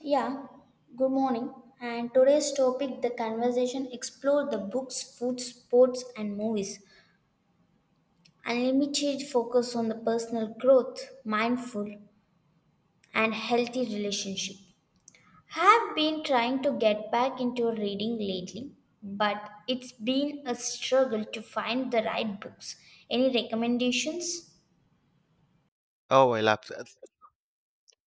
Yeah, good morning. And today's topic the conversation explore the books, food, sports and movies. Unlimited focus on the personal growth, mindful and healthy relationship. Have been trying to get back into reading lately, but it's been a struggle to find the right books. Any recommendations? Oh, I lapsed.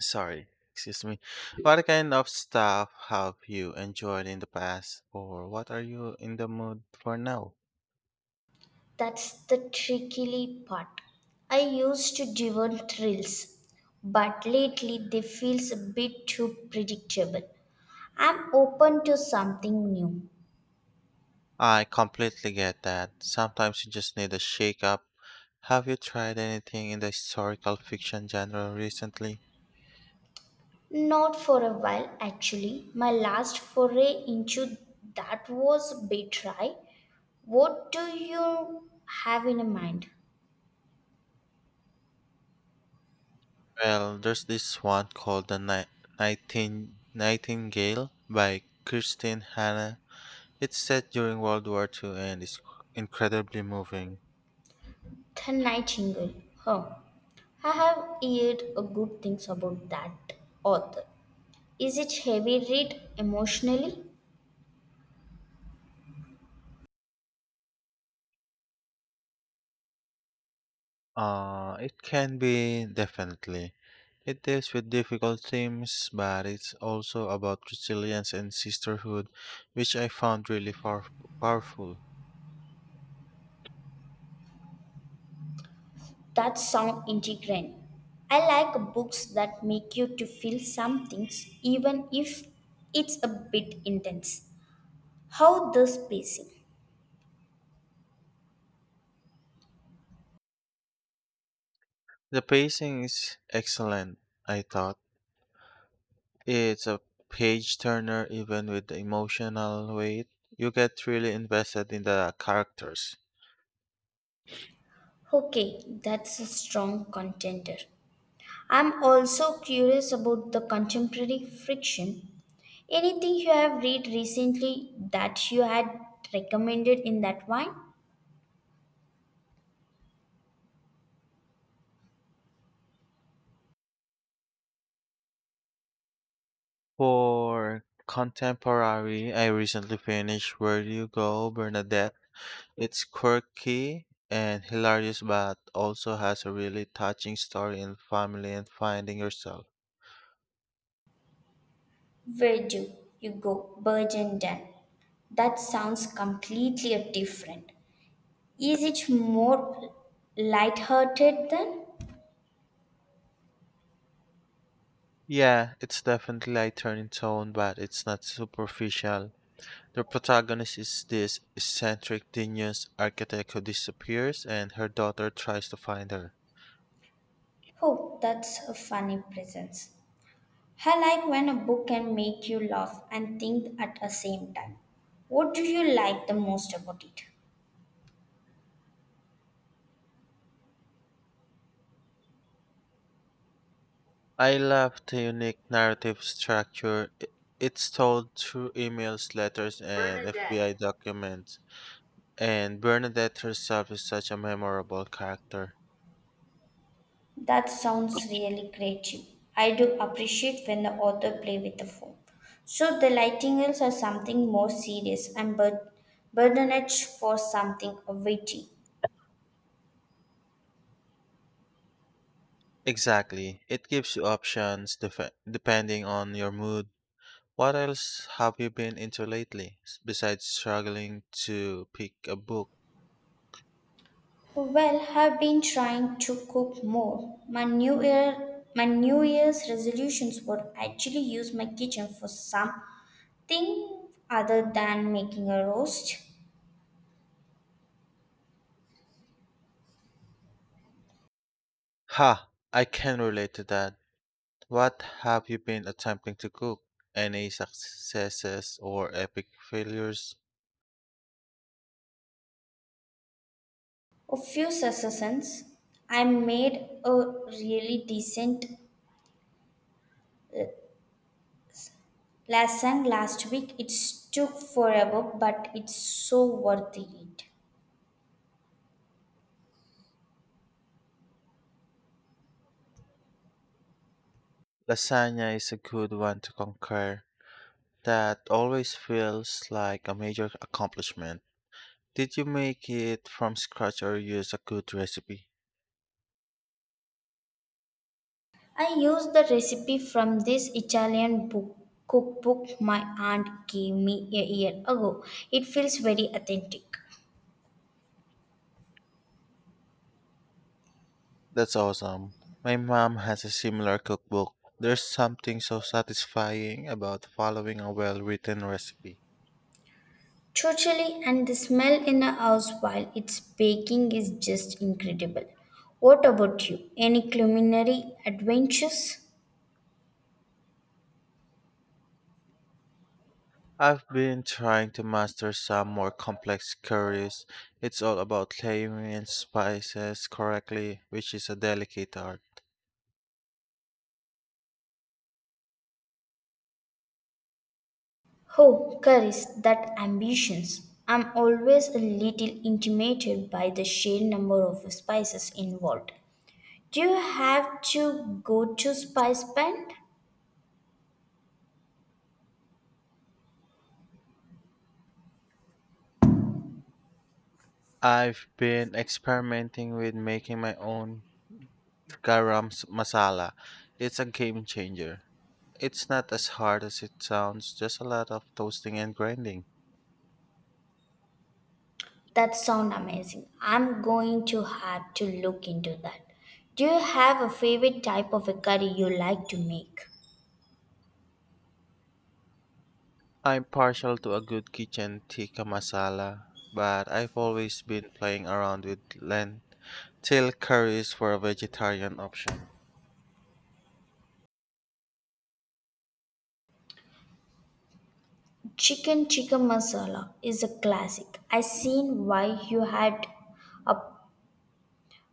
Sorry, excuse me. What kind of stuff have you enjoyed in the past, or what are you in the mood for now? That's the tricky part. I used to devour thrills, but lately they feel a bit too predictable. I'm open to something new. I completely get that. Sometimes you just need a shake up. Have you tried anything in the historical fiction genre recently? Not for a while actually. My last foray into that was a bit dry. What do you have in mind? Well, there's this one called The Nightingale by Kirsten Hanna. It's set during World War II and is incredibly moving. The Nightingale. Huh. I have heard a good things about that author. Is it heavy read emotionally? It can be definitely. It deals with difficult themes, but it's also about resilience and sisterhood, which I found really powerful. That sound integrating. I like books that make you to feel some things even if it's a bit intense. How the spacing? The pacing is excellent, I thought. It's a page turner, even with the emotional weight. You get really invested in the characters. Okay, that's a strong contender. I'm also curious about the contemporary fiction. Anything you have read recently that you had recommended in that wine? For contemporary, I recently finished Where Do You Go, Bernadette. It's quirky and hilarious, but also has a really touching story in family and finding yourself. Where do you go? Bird and Dan. That sounds completely different. Is it more light-hearted then? Yeah, it's definitely lighter in tone, but it's not superficial. The protagonist is this eccentric genius architect who disappears, and her daughter tries to find her. Oh, that's a funny presence. I like when a book can make you laugh and think at the same time. What do you like the most about it? I love the unique narrative structure. It's told through emails, letters, and FBI Bernadette. documents, and Bernadette herself is such a memorable character. That sounds really creative. I do appreciate when the author play with the form. So the Nightingales are something more serious and Bernadette for something witty. Exactly. It gives you options depending on your mood. What else have you been into lately besides struggling to pick a book? Well, have been trying to cook more. My new year's resolutions would actually use my kitchen for something other than making a roast. Ha! I can relate to that. What have you been attempting to cook? Any successes or epic failures? A few successes. I made a really decent uh, lasagne last week. It took forever, but it's so worth it. Lasagna is a good one to conquer. That always feels like a major accomplishment. Did you make it from scratch or use a good recipe? I used the recipe from this Italian book, cookbook my aunt gave me a year ago. It feels very authentic. That's awesome. My mom has a similar cookbook. There's something so satisfying about following a well written recipe. Totally, and the smell in a house while it's baking is just incredible. What about you? Any culinary adventures? I've been trying to master some more complex curries. It's all about claiming spices correctly, which is a delicate art. Oh, curries, that ambitions. I'm always a little intimidated by the sheer number of spices involved. Do you have to go to spice band? I've been experimenting with making my own garam masala. It's a game changer. It's not as hard as it sounds, just a lot of toasting and grinding. That sounds amazing. I'm going to have to look into that. Do you have a favorite type of a curry you like to make? I'm partial to a good kitchen tikka masala, but I've always been playing around with lentil curries for a vegetarian option. Chicken tikka masala is a classic. I seen why you had a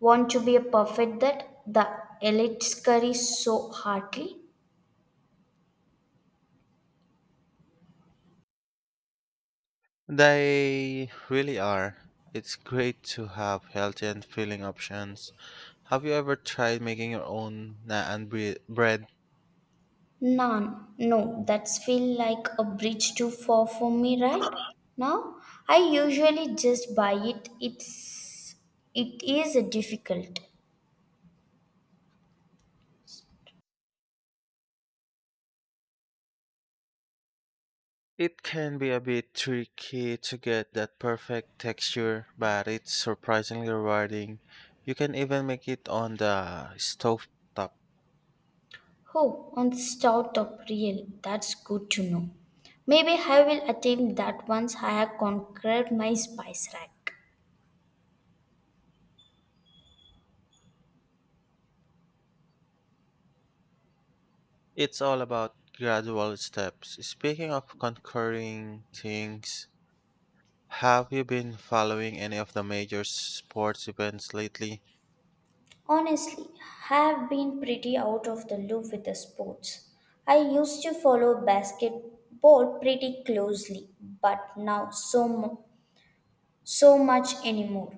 want to be a perfect that the elite curry so heartily. They really are. It's great to have healthy and filling options. Have you ever tried making your own naan bread? None. No, that's feel like a bridge too far for me, right? Now, I usually just buy it. It is difficult. It can be a bit tricky to get that perfect texture, but it's surprisingly rewarding. You can even make it on the stove top. Oh, on the stout of real, that's good to know. Maybe I will attempt that once I have conquered my spice rack. It's all about gradual steps. Speaking of conquering things, have you been following any of the major sports events lately? Honestly, I have been pretty out of the loop with the sports. I used to follow basketball pretty closely, but now so much anymore.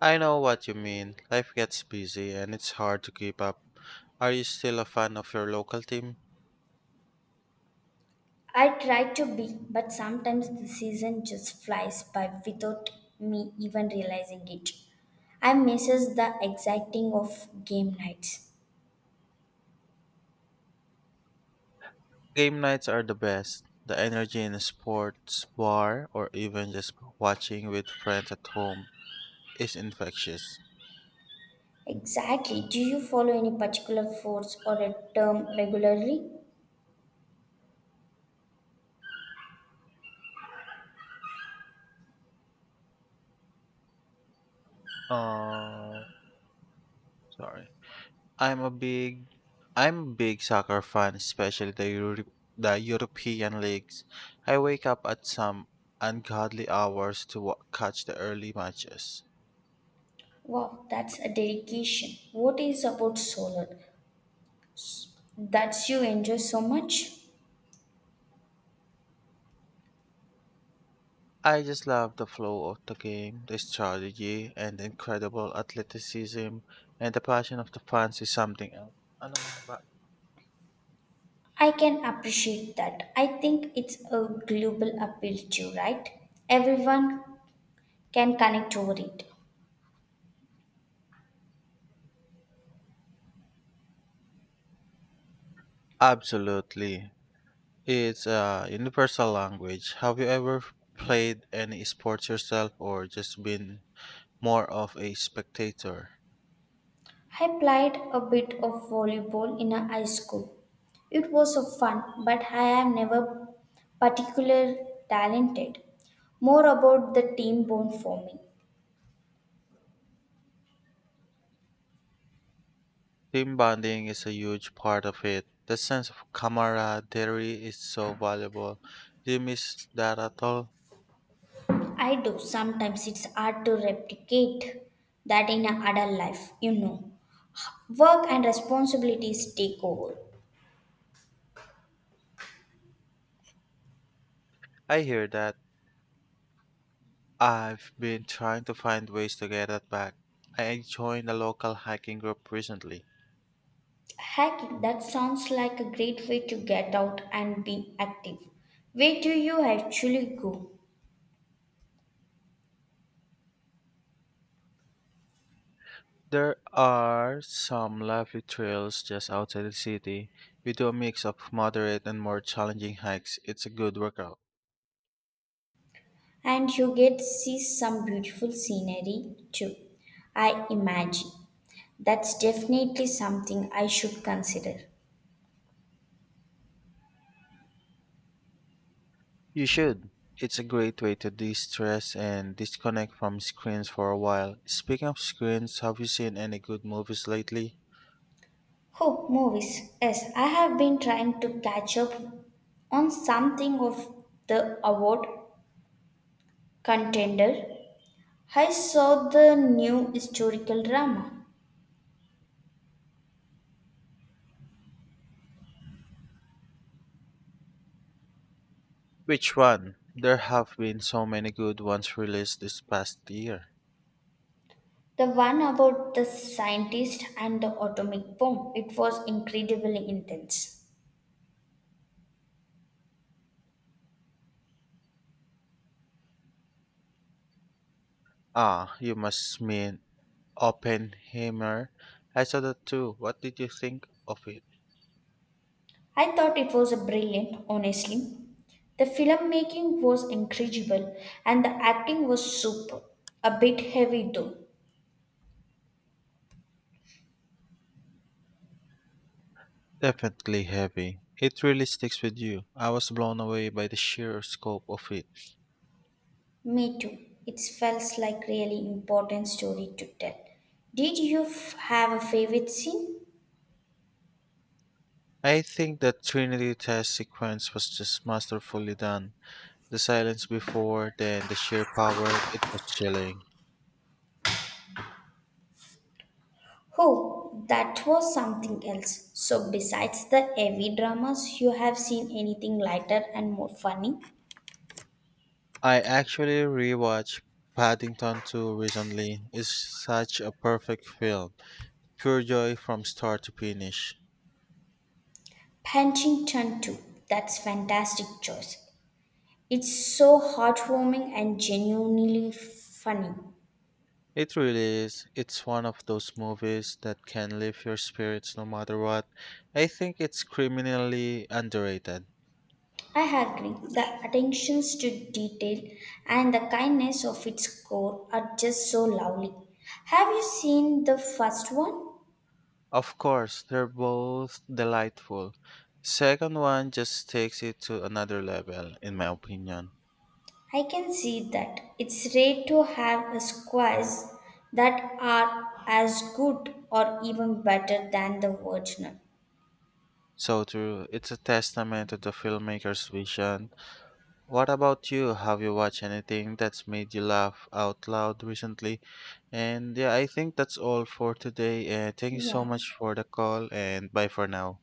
I know what you mean. Life gets busy and it's hard to keep up. Are you still a fan of your local team? I try to be, but sometimes the season just flies by without me even realizing it. I misses the exciting of game nights. Game nights are the best. The energy in a sports bar or even just watching with friends at home is infectious. Exactly. Do you follow any particular force or a term regularly? Oh, sorry. I'm a big I'm a big soccer fan, especially the the European leagues. I wake up at some ungodly hours to catch the early matches. Wow, that's a dedication. What is about solar? That's you enjoy so much? I just love the flow of the game, the strategy, and the incredible athleticism, and the passion of the fans is something else. Ano ba ba? I can appreciate that. I think it's a global appeal too, right? Everyone can connect over it. Absolutely. It's a universal language. Have you ever played any sports yourself or just been more of a spectator? I played a bit of volleyball in a high school. It was a fun, but I am never particular talented. More about the team bond for me. Team bonding is a huge part of it. The sense of camaraderie is so valuable. Do you miss that at all? I do sometimes it's hard to replicate that in a adult life, you know. Work and responsibilities take over. I hear that. I've been trying to find ways to get that back. I joined a local hiking group recently. Hacking that sounds like a great way to get out and be active. Where do you actually go? There are some lovely trails just outside the city. We do a mix of moderate and more challenging hikes. It's a good workout. And you get see some beautiful scenery too. I imagine. That's definitely something I should consider. You should. It's a great way to de stress and disconnect from screens for a while. Speaking of screens, have you seen any good movies lately? Oh, movies. Yes, I have been trying to catch up on something of the award contender. I saw the new historical drama, Which one? There have been so many good ones released this past year. the one about the scientist and the atomic bomb. It was incredibly intense. Ah, you must mean Oppenheimer. I saw that too. What did you think of it? I thought it was brilliant, honestly. The filmmaking was incredible and the acting was superb. A bit heavy though. Definitely heavy. It really sticks with you. I was blown away by the sheer scope of it. Me too. It felt like really important story to tell. Have a favorite scene? I think that Trinity test sequence was just masterfully done. The silence before, then the sheer power, it was chilling. Oh, that was something else. So besides the heavy dramas, you have seen anything lighter and more funny? I actually rewatched Paddington 2 recently. It's such a perfect film. Pure joy from start to finish. Punching Chan too. That's fantastic choice. It's so heartwarming and genuinely funny. It really is. It's one of those movies that can lift your spirits no matter what. I think it's criminally underrated. I agree. The attentions to detail and the kindness of its core are just so lovely. Have you seen the first one? Of course, they're both delightful. Second one just takes it to another level, in my opinion. I can see that. It's rare to have a squares that are as good or even better than the original. So true. It's a testament to the filmmaker's vision. What about you? Have you watched anything that's made you laugh out loud recently? And yeah, I think that's all for today. And thank you so Yeah. much for the call and bye for now.